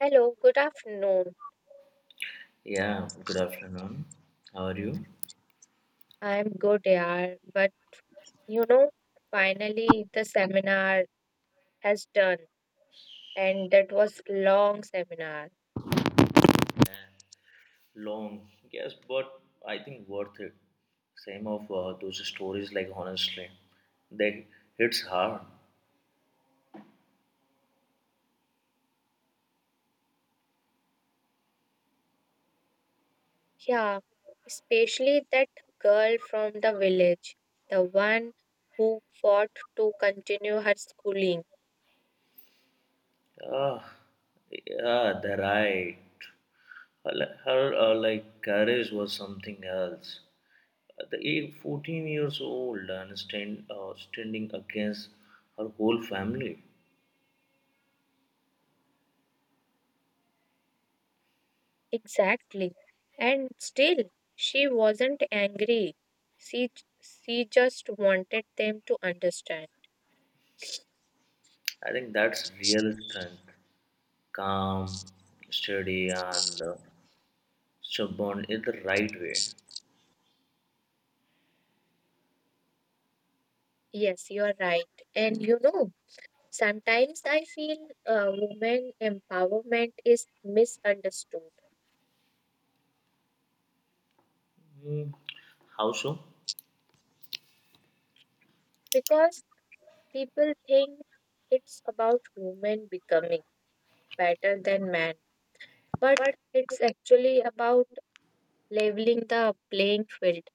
Hello, good afternoon. Yeah, good afternoon. How are you? I'm good, yaar. But you know, finally the seminar has done, and that was long seminar. Long, yes, but I think worth it. Same of those stories, like honestly, they hits hard. Yeah, especially that girl from the village, the one who fought to continue her schooling. Ah, yeah, they're right. Her, like courage was something else. At the age 14 years old and standing against her whole family. Exactly. And still, she wasn't angry. She she just wanted them to understand. I think that's real strength, calm, steady, and So bond is the right way. Yes, you are right. And you know, sometimes I feel women empowerment is misunderstood Hmm. How so? because people think it's about women becoming better than men, but it's actually about leveling the playing field.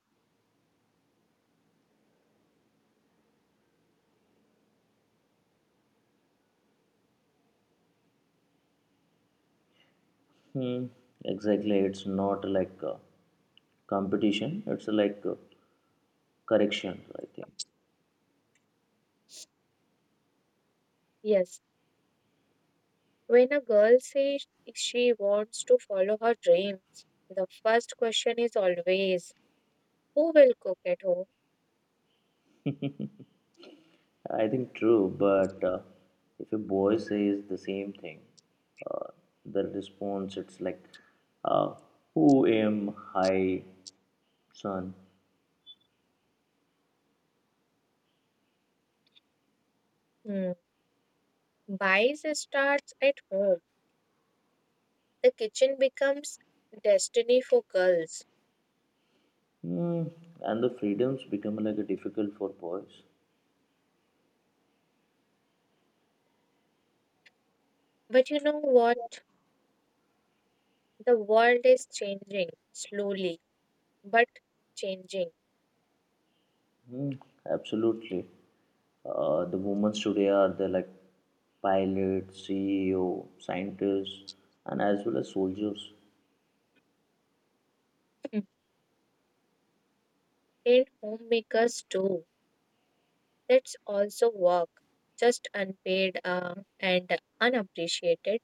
Hmm. Exactly. It's not like competition. It's like correction. I think. Yes, when a girl says she wants to follow her dreams, the first question is always who will cook at home? I think true. But if a boy says the same thing, uh, the response it's like, uh, "Who am I, son?" Hmm. Bias starts at home. The kitchen becomes destiny for girls. Hmm. And the freedoms become like difficult for boys. But you know what? The world is changing slowly, but changing. Mm, absolutely. The women today are the like pilots, CEO, scientists, and as well as soldiers. Mm. And homemakers too. That's also work, just unpaid and unappreciated.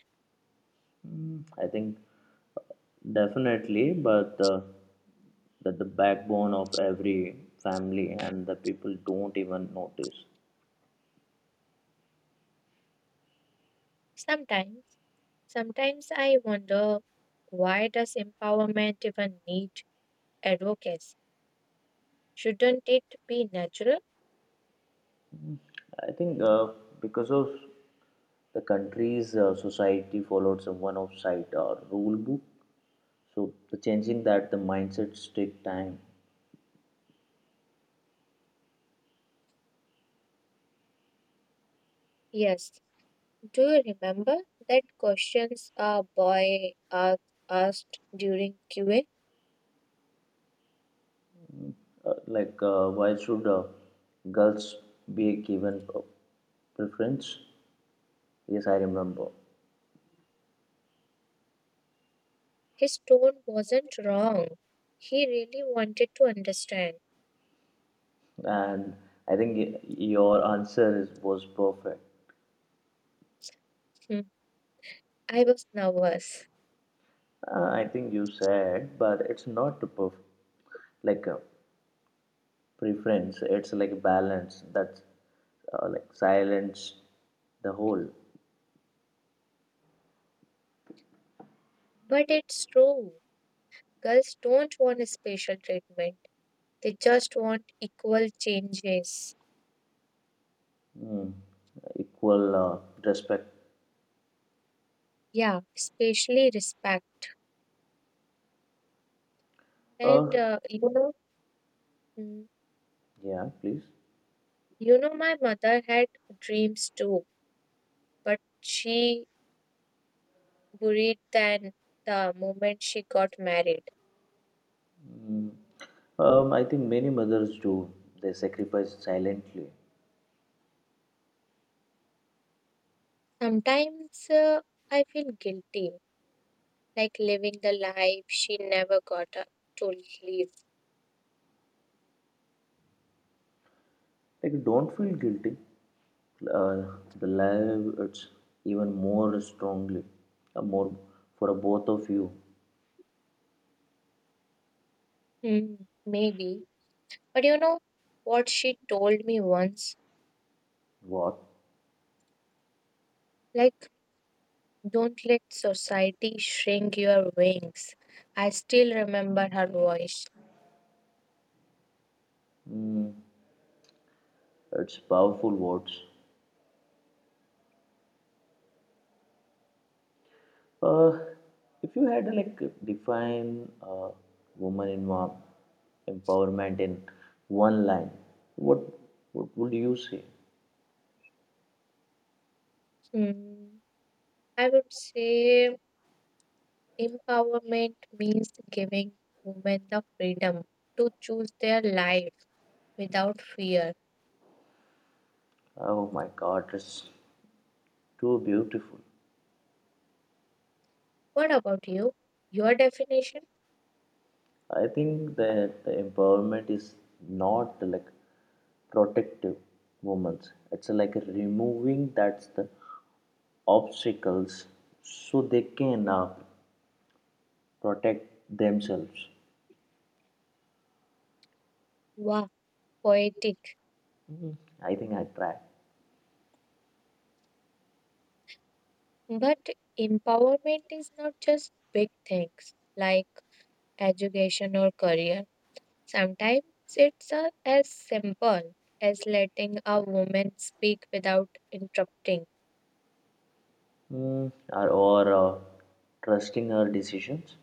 Mm, I think definitely, but that the backbone of every family and the people don't even notice. Sometimes, sometimes I wonder why does empowerment even need advocacy? Shouldn't it be natural? I think because of the country's society followed some one-off side or rule book, so the changing that the mindsets take time. Yes. Do you remember that questions a boy asked during QA? Why should girls be given preference? Yes, I remember. His tone wasn't wrong. He really wanted to understand. And I think your answer is, was perfect. Hmm, I was nervous. I think you said, but it's not perfect. Like a preference, it's like a balance that's like silence the whole, But it's true. Girls don't want a special treatment, they just want equal changes. equal respect. Yeah, especially respect. And Uh, you know, mm, yeah, please. you know, my mother had dreams too, but she buried them the moment she got married. I think many mothers do. They sacrifice silently. Sometimes I feel guilty like living the life she never got up to live. Like, don't feel guilty. Uh, the love it's even more strongly, more for both of you. Hmm, maybe. But you know what she told me once? What? Like, don't let society shrink your wings. I still remember her voice. It's powerful words. Uh, if you had like define woman in mom empowerment in one line, what what would you say? Hmm, I would say empowerment means giving women the freedom to choose their life without fear. Oh my God, it's too beautiful. What about you? Your definition? I think that the empowerment is not like protective moments. It's like removing that's the obstacles so they can protect themselves. Wow, poetic. I think I try. But empowerment is not just big things like education or career. Sometimes it's as simple as letting a woman speak without interrupting Mm, or trusting her decisions.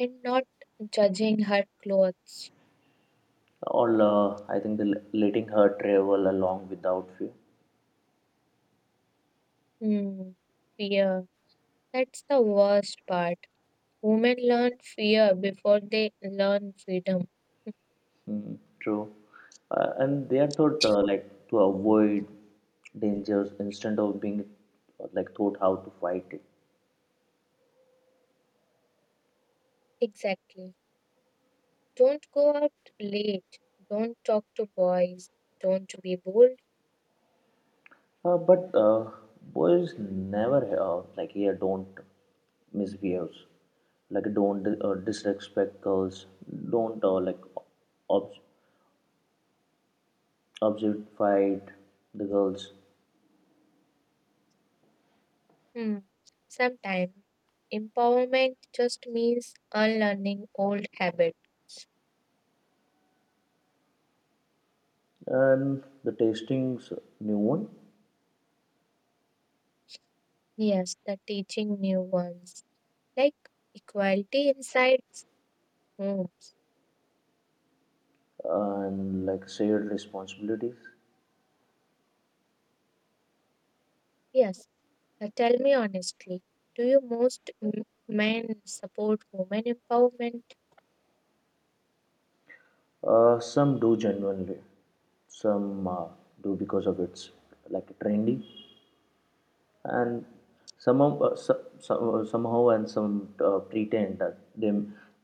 and not judging her clothes. Or I think the, letting her travel along without fear. Hmm, fear. That's the worst part. Women learn fear before they learn freedom. Mm, true. And they are taught like to avoid dangers instead of being like taught how to fight it. Exactly. Don't go out late. Don't talk to boys. Don't be bold. But boys never like here don't misbehave, like don't disrespect girls, don't like ob- objectify the girls, Hmm. Sometimes empowerment just means unlearning old habits. and the tastings new one Yes, the teaching new ones. Like equality inside home. and like shared responsibilities. Yes. Tell me honestly, do you most men support women empowerment? Some do genuinely, some do because of it's like trendy, and somehow, and some pretend that they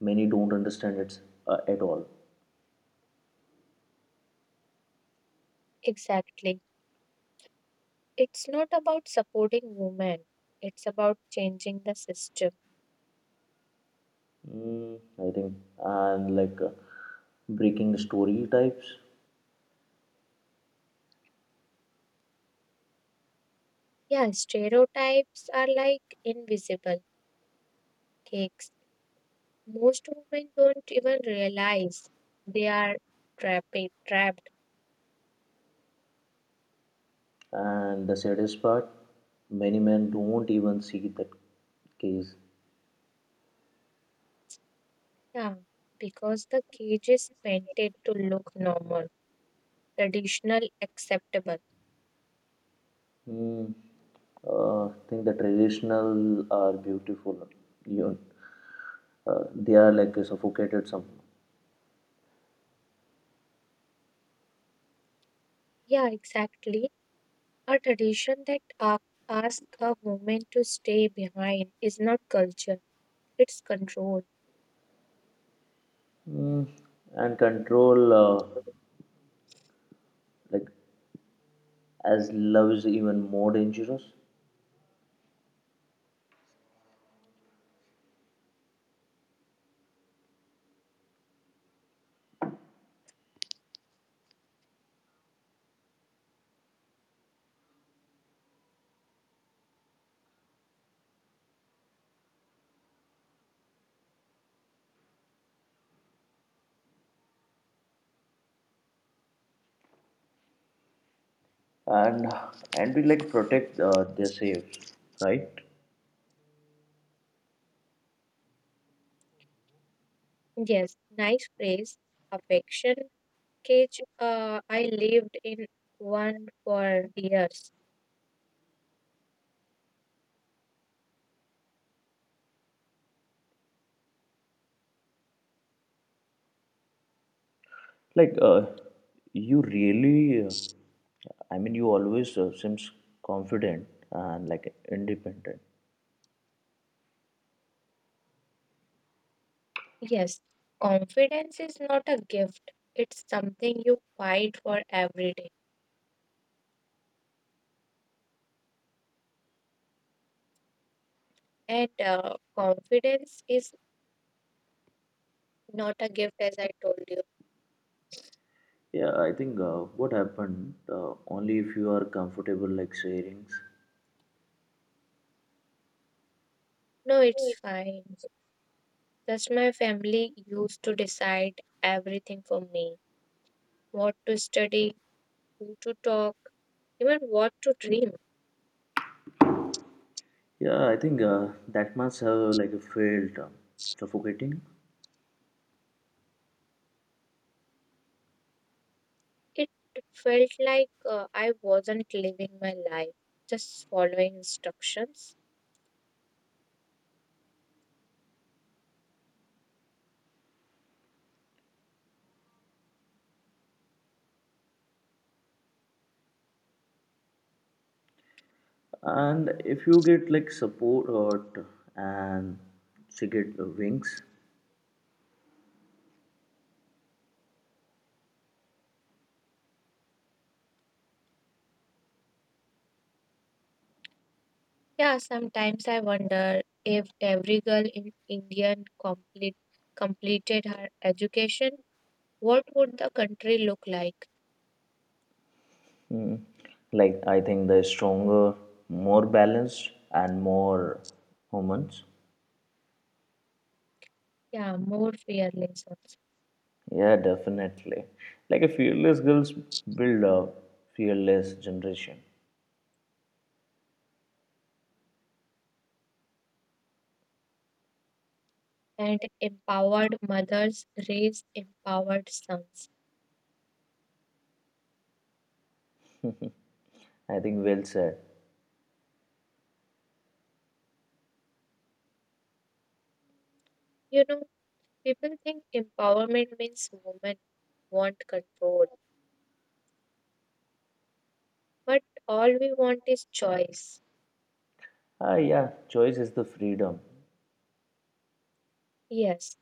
many don't understand it at all. Exactly. It's not about supporting women. It's about changing the system. Mm, I think and like breaking story types, Yeah, stereotypes are like invisible cakes. Most women don't even realize they are trapped. and the saddest part, many men don't even see that case. Yeah, because the cage is painted to look normal, traditional, acceptable. Mm, I think the traditional are beautiful, you they are like suffocated some. Yeah, exactly. A tradition that asks a woman to stay behind is not culture, it's control. Mm, and control like as love is even more dangerous and and we like protect their saves right. Yes, nice phrase. Affection cage. I lived in one for years. Like you really I mean you always seems confident and like independent. Yes, confidence is not a gift. It's something you fight for every day. And confidence is not a gift, as I told you. Yeah, I think what happened only if you are comfortable like sharings. No, it's fine. Just my family used to decide everything for me, what to study, who to talk, even what to dream. Yeah, I think that must have like failed suffocating It felt like I wasn't living my life, just following instructions. and if you get like support and she get wings. Yeah, sometimes I wonder if every girl in India completed her education, what would the country look like? Mm. Like, I think they're stronger, more balanced, and more humans. Yeah, more fearless, Yeah, definitely. Like, a fearless girls build a fearless generation. and empowered mothers raise empowered sons. I think well said. You know, people think empowerment means women want control, but all we want is choice. Ah, yeah, choice is the freedom. Yes,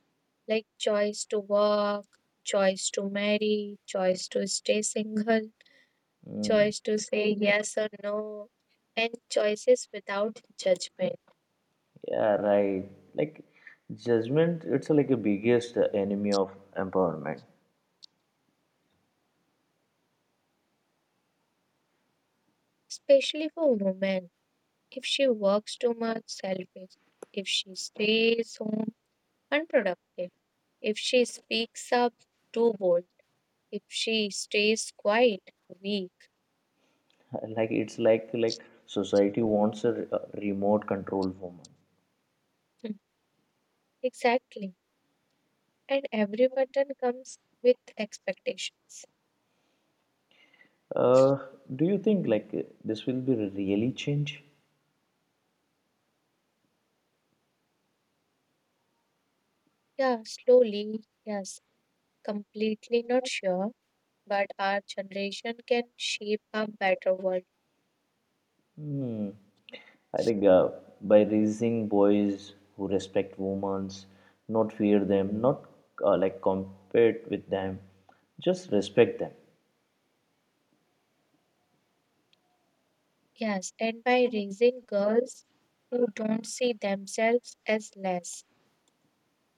like choice to work, choice to marry, choice to stay single, Mm, choice to say yes or no, and choices without judgment, yeah, right. Like, judgment, it's like a biggest enemy of empowerment. especially for women. If she works too much, selfish. If she stays home, unproductive. If she speaks up, too bold. If she stays quiet, weak. Like it's like society wants a a remote control woman. Hmm. Exactly. And every button comes with expectations. uh, do you think like this will be really change? Yeah, slowly, yes, completely not sure, but our generation can shape a better world. Hmm. I think by raising boys who respect women's, not fear them, not like compete with them, just respect them. Yes, and by raising girls who don't see themselves as less.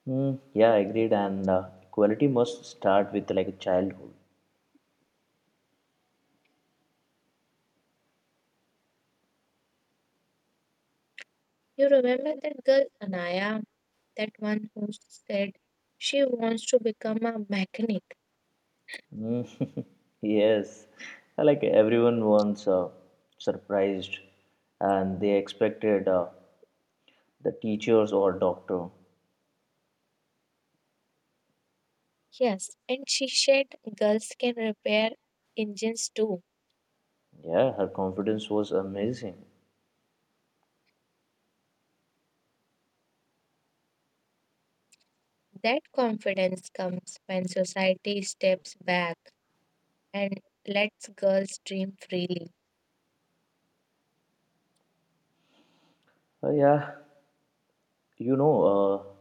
Hmm. Yeah, agreed, and equality must start with like childhood. You remember that girl Anaya, that one who said she wants to become a mechanic. Mm, Yes, like everyone wants surprised and they expected the teachers or doctor. Yes, and she said girls can repair engines too. Yeah, her confidence was amazing. That confidence comes when society steps back and lets girls dream freely. Yeah, you know,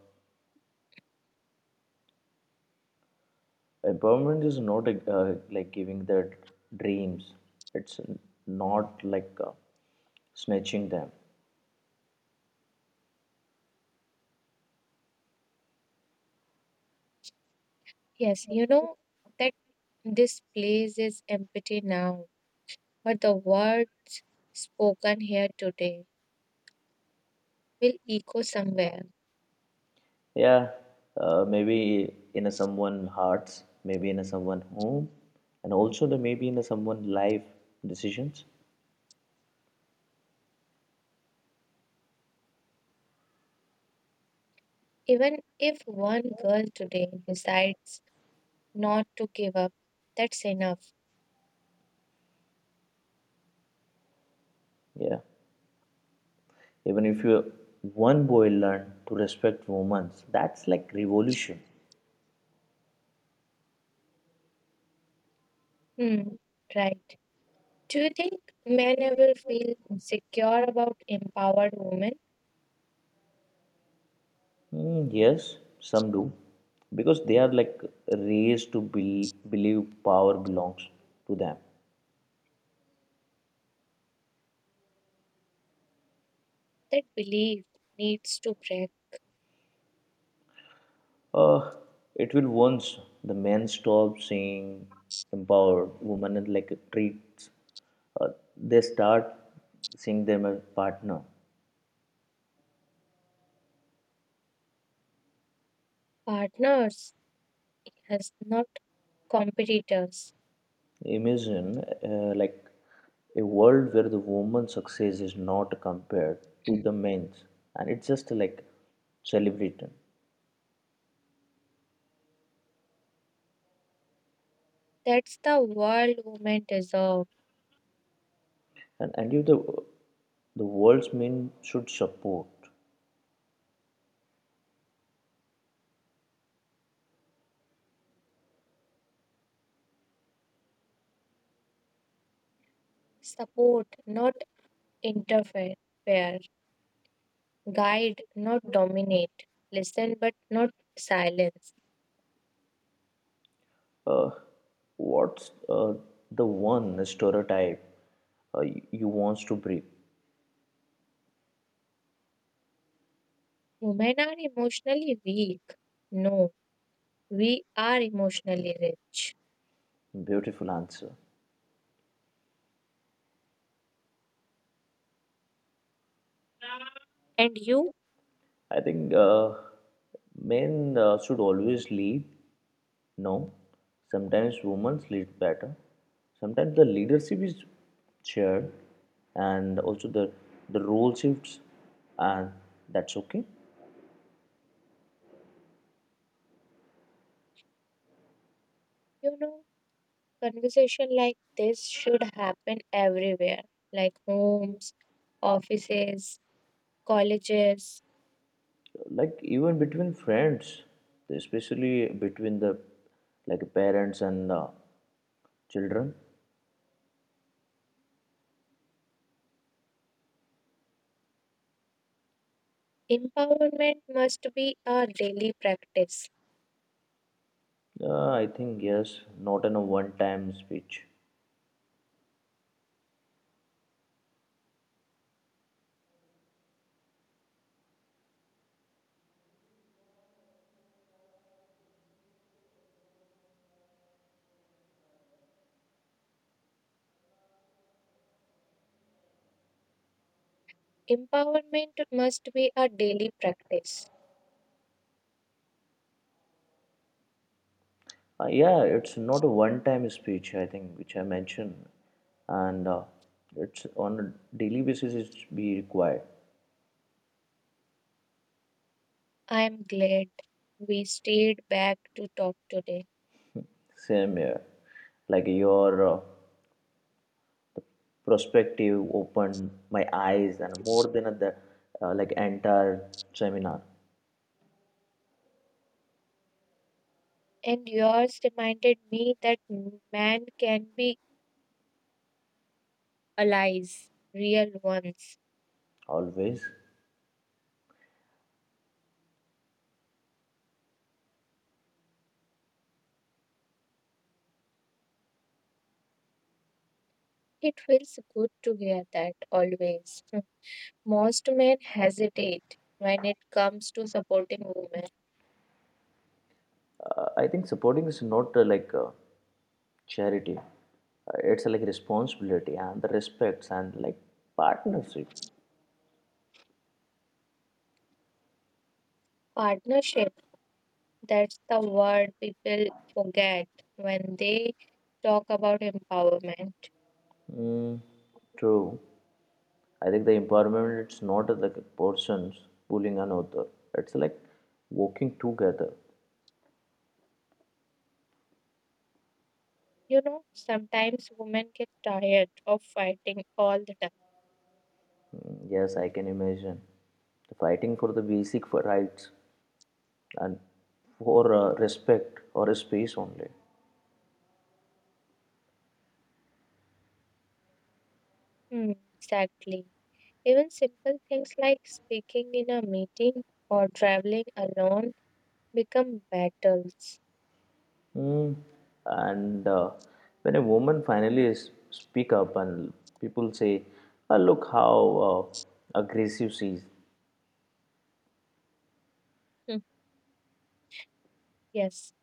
empowerment is not like giving their dreams. It's not like snatching them. Yes, you know that this place is empty now, but the word spoken here today will echo somewhere. Yeah, maybe in a someone hearts, maybe in a someone home, and also the maybe in a someone life decisions. Even if one girl today decides not to give up, that's enough. Yeah. Even if you one boy learn to respect women, that's like revolution. Hmm, right. Do you think men ever feel insecure about empowered women? Mm, yes, some do. Because they are like raised to be, believe power belongs to them. That belief needs to break. Uh, it will once the men stop saying empowered women and like treats, uh, they start seeing them as partner. Partners as not competitors. Imagine like a world where the woman's success is not compared to the men's, and it's just like celebrated. That's the world women deserve. And if the world's men should support, Support, not interfere. Guide, not dominate. Listen, but not silence. uh, what's the one stereotype you wants to break? Women are emotionally weak. No, we are emotionally rich. Beautiful answer. And you, I think men should always lead. No, sometimes women lead better. Sometimes the leadership is shared, and also the role shifts, and that's okay. you know, conversation like this should happen everywhere, like homes, offices, colleges. Like even between friends, especially between the like parents and children. Empowerment must be a daily practice. I think yes, not in a one-time speech. Empowerment must be a daily practice. Yeah, it's not a one-time speech. I think which I mentioned, and it's on a daily basis. It's be required. I am glad we stayed back to talk today. Same here. Like your perspective opened my eyes and more than the like entire seminar. And yours reminded me that man can be allies, real ones. Always, It feels good to hear that always. Most men hesitate when it comes to supporting women. I think supporting is not like charity. It's like responsibility and the respects and like partnership. Partnership, that's the word people forget when they talk about empowerment. Mm, true. I think the empowerment it's not like persons pulling an author. It's like working together. You know, sometimes women get tired of fighting all the time. Mm, yes, I can imagine. The fighting for the basic for rights and for respect or a space only. Hmm, exactly. Even simple things like speaking in a meeting or traveling alone become battles. Mm. And when a woman finally speak up and people say, "Ah, look how aggressive she is. Hmm, yes.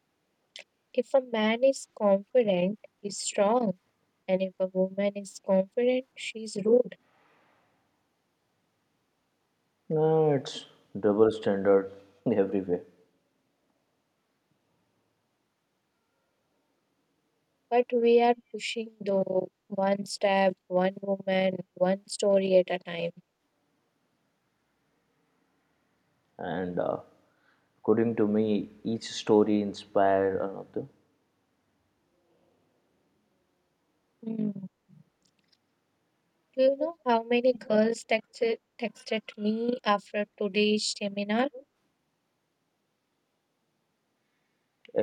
If a man is confident, he's strong. And if a woman is confident, she's rude. No, it's double standard everywhere. But we are pushing though one step, one woman, one story at a time. And according to me, each story inspire another Hmm. Do you know how many girls texted me after today's seminar?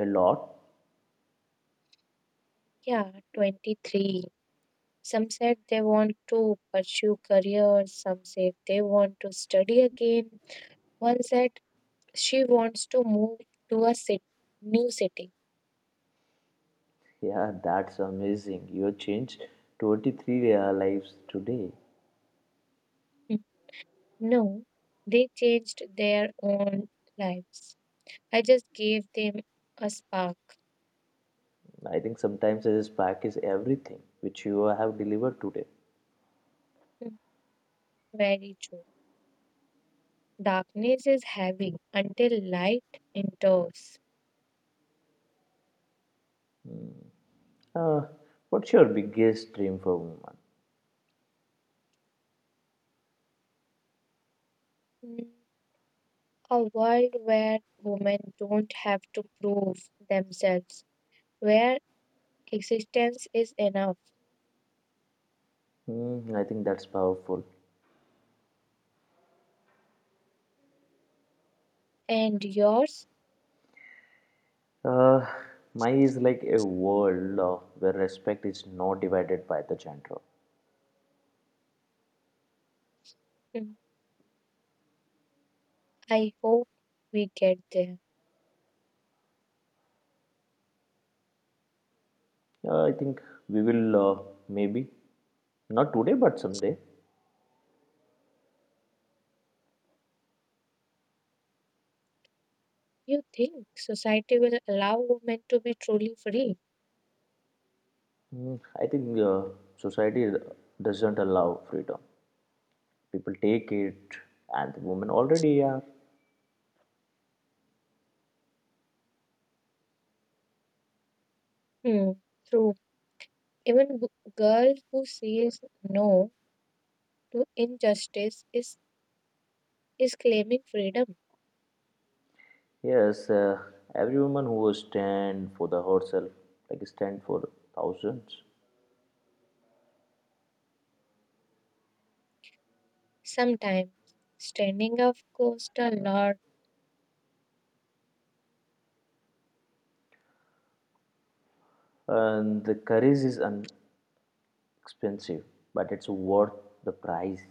a lot. Yeah, 23. Some said they want to pursue career, some said they want to study again. One said she wants to move to a city, new city. Yeah, that's amazing. You have changed 23 lives today. No, they changed their own lives. I just gave them a spark. I think sometimes a spark is everything which you have delivered today. Hmm, very true. Darkness is heavy until light enters. Uh, what's your biggest dream for woman? Hmm, a world where women don't have to prove themselves, where existence is enough. Hmm, I think that's powerful. And yours? Uh, Mine is like a world where respect is not divided by the gender. Hmm, I hope we get there. I think we will maybe not today but someday. You think society will allow women to be truly free? Hmm, I think society doesn't allow freedom. People take it, and the women already are. Hmm, through. Even girl who says no to injustice is claiming freedom. Yes, every woman who will stand for the herself, like stand for thousands, Sometimes standing up costs a lot. and the courage is expensive, but it's worth the price.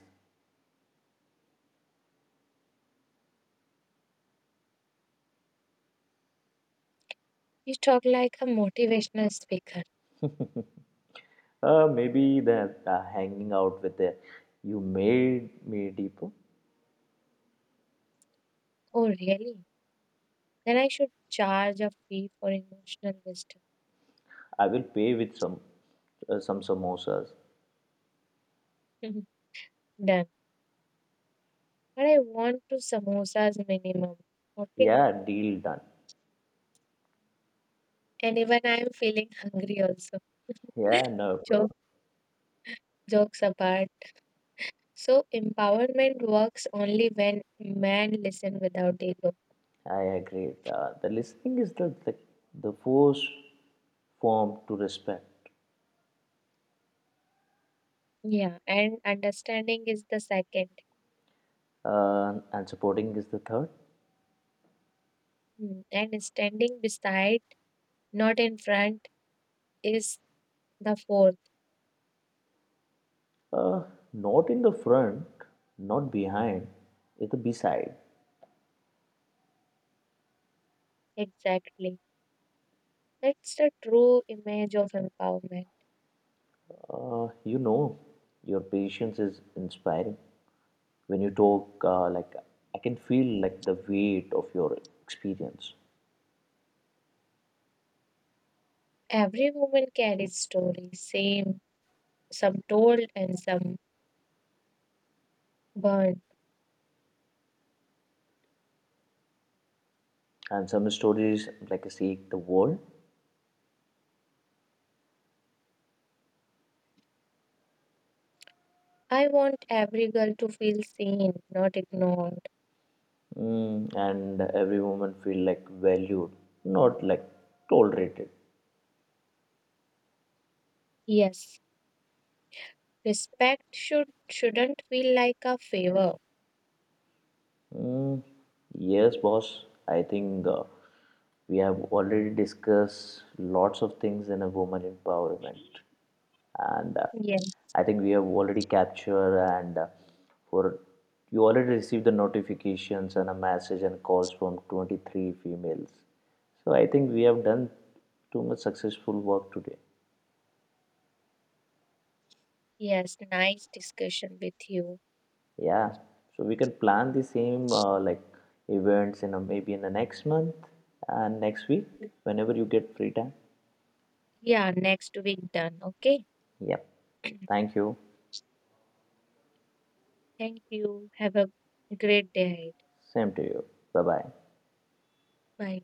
You talk like a motivational speaker. Maybe the hanging out with the you made me deeper. Oh, really? Then I should charge a fee for emotional wisdom. I will pay with some samosas. Done. But I want two samosas minimum. Okay. Yeah, deal done. And even I am feeling hungry also. Yeah, no, problem. Joke, jokes apart. So empowerment works only when men listen without ego. I agree. The listening is the force form to respect, Yeah, and understanding is the second. And supporting is the third. Hmm, and standing beside, not in front, is the fourth. Uh, Not in the front, not behind, it's the beside. Exactly. That's the true image of empowerment. You know, your patience is inspiring. When you talk, like I can feel like the weight of your experience. Every woman carries stories, same, some told and some burned. And some stories like seek the world, I want every girl to feel seen, not ignored. mm, and every woman feel like valued, not like tolerated. Yes, respect should shouldn't feel like a favor. Mm, yes, boss. I think we have already discussed lots of things in a woman empowerment, and Yes, I think we have already captured and for you already received the notifications and a message and calls from 23 females. So I think we have done too much successful work today. yes, nice discussion with you. Yeah, so we can plan the same like events in a, maybe in the next month and next week whenever you get free time. Yeah, next week done, okay? Yep. Thank you. Thank you. Have a great day ahead. Same to you. Bye bye. Bye.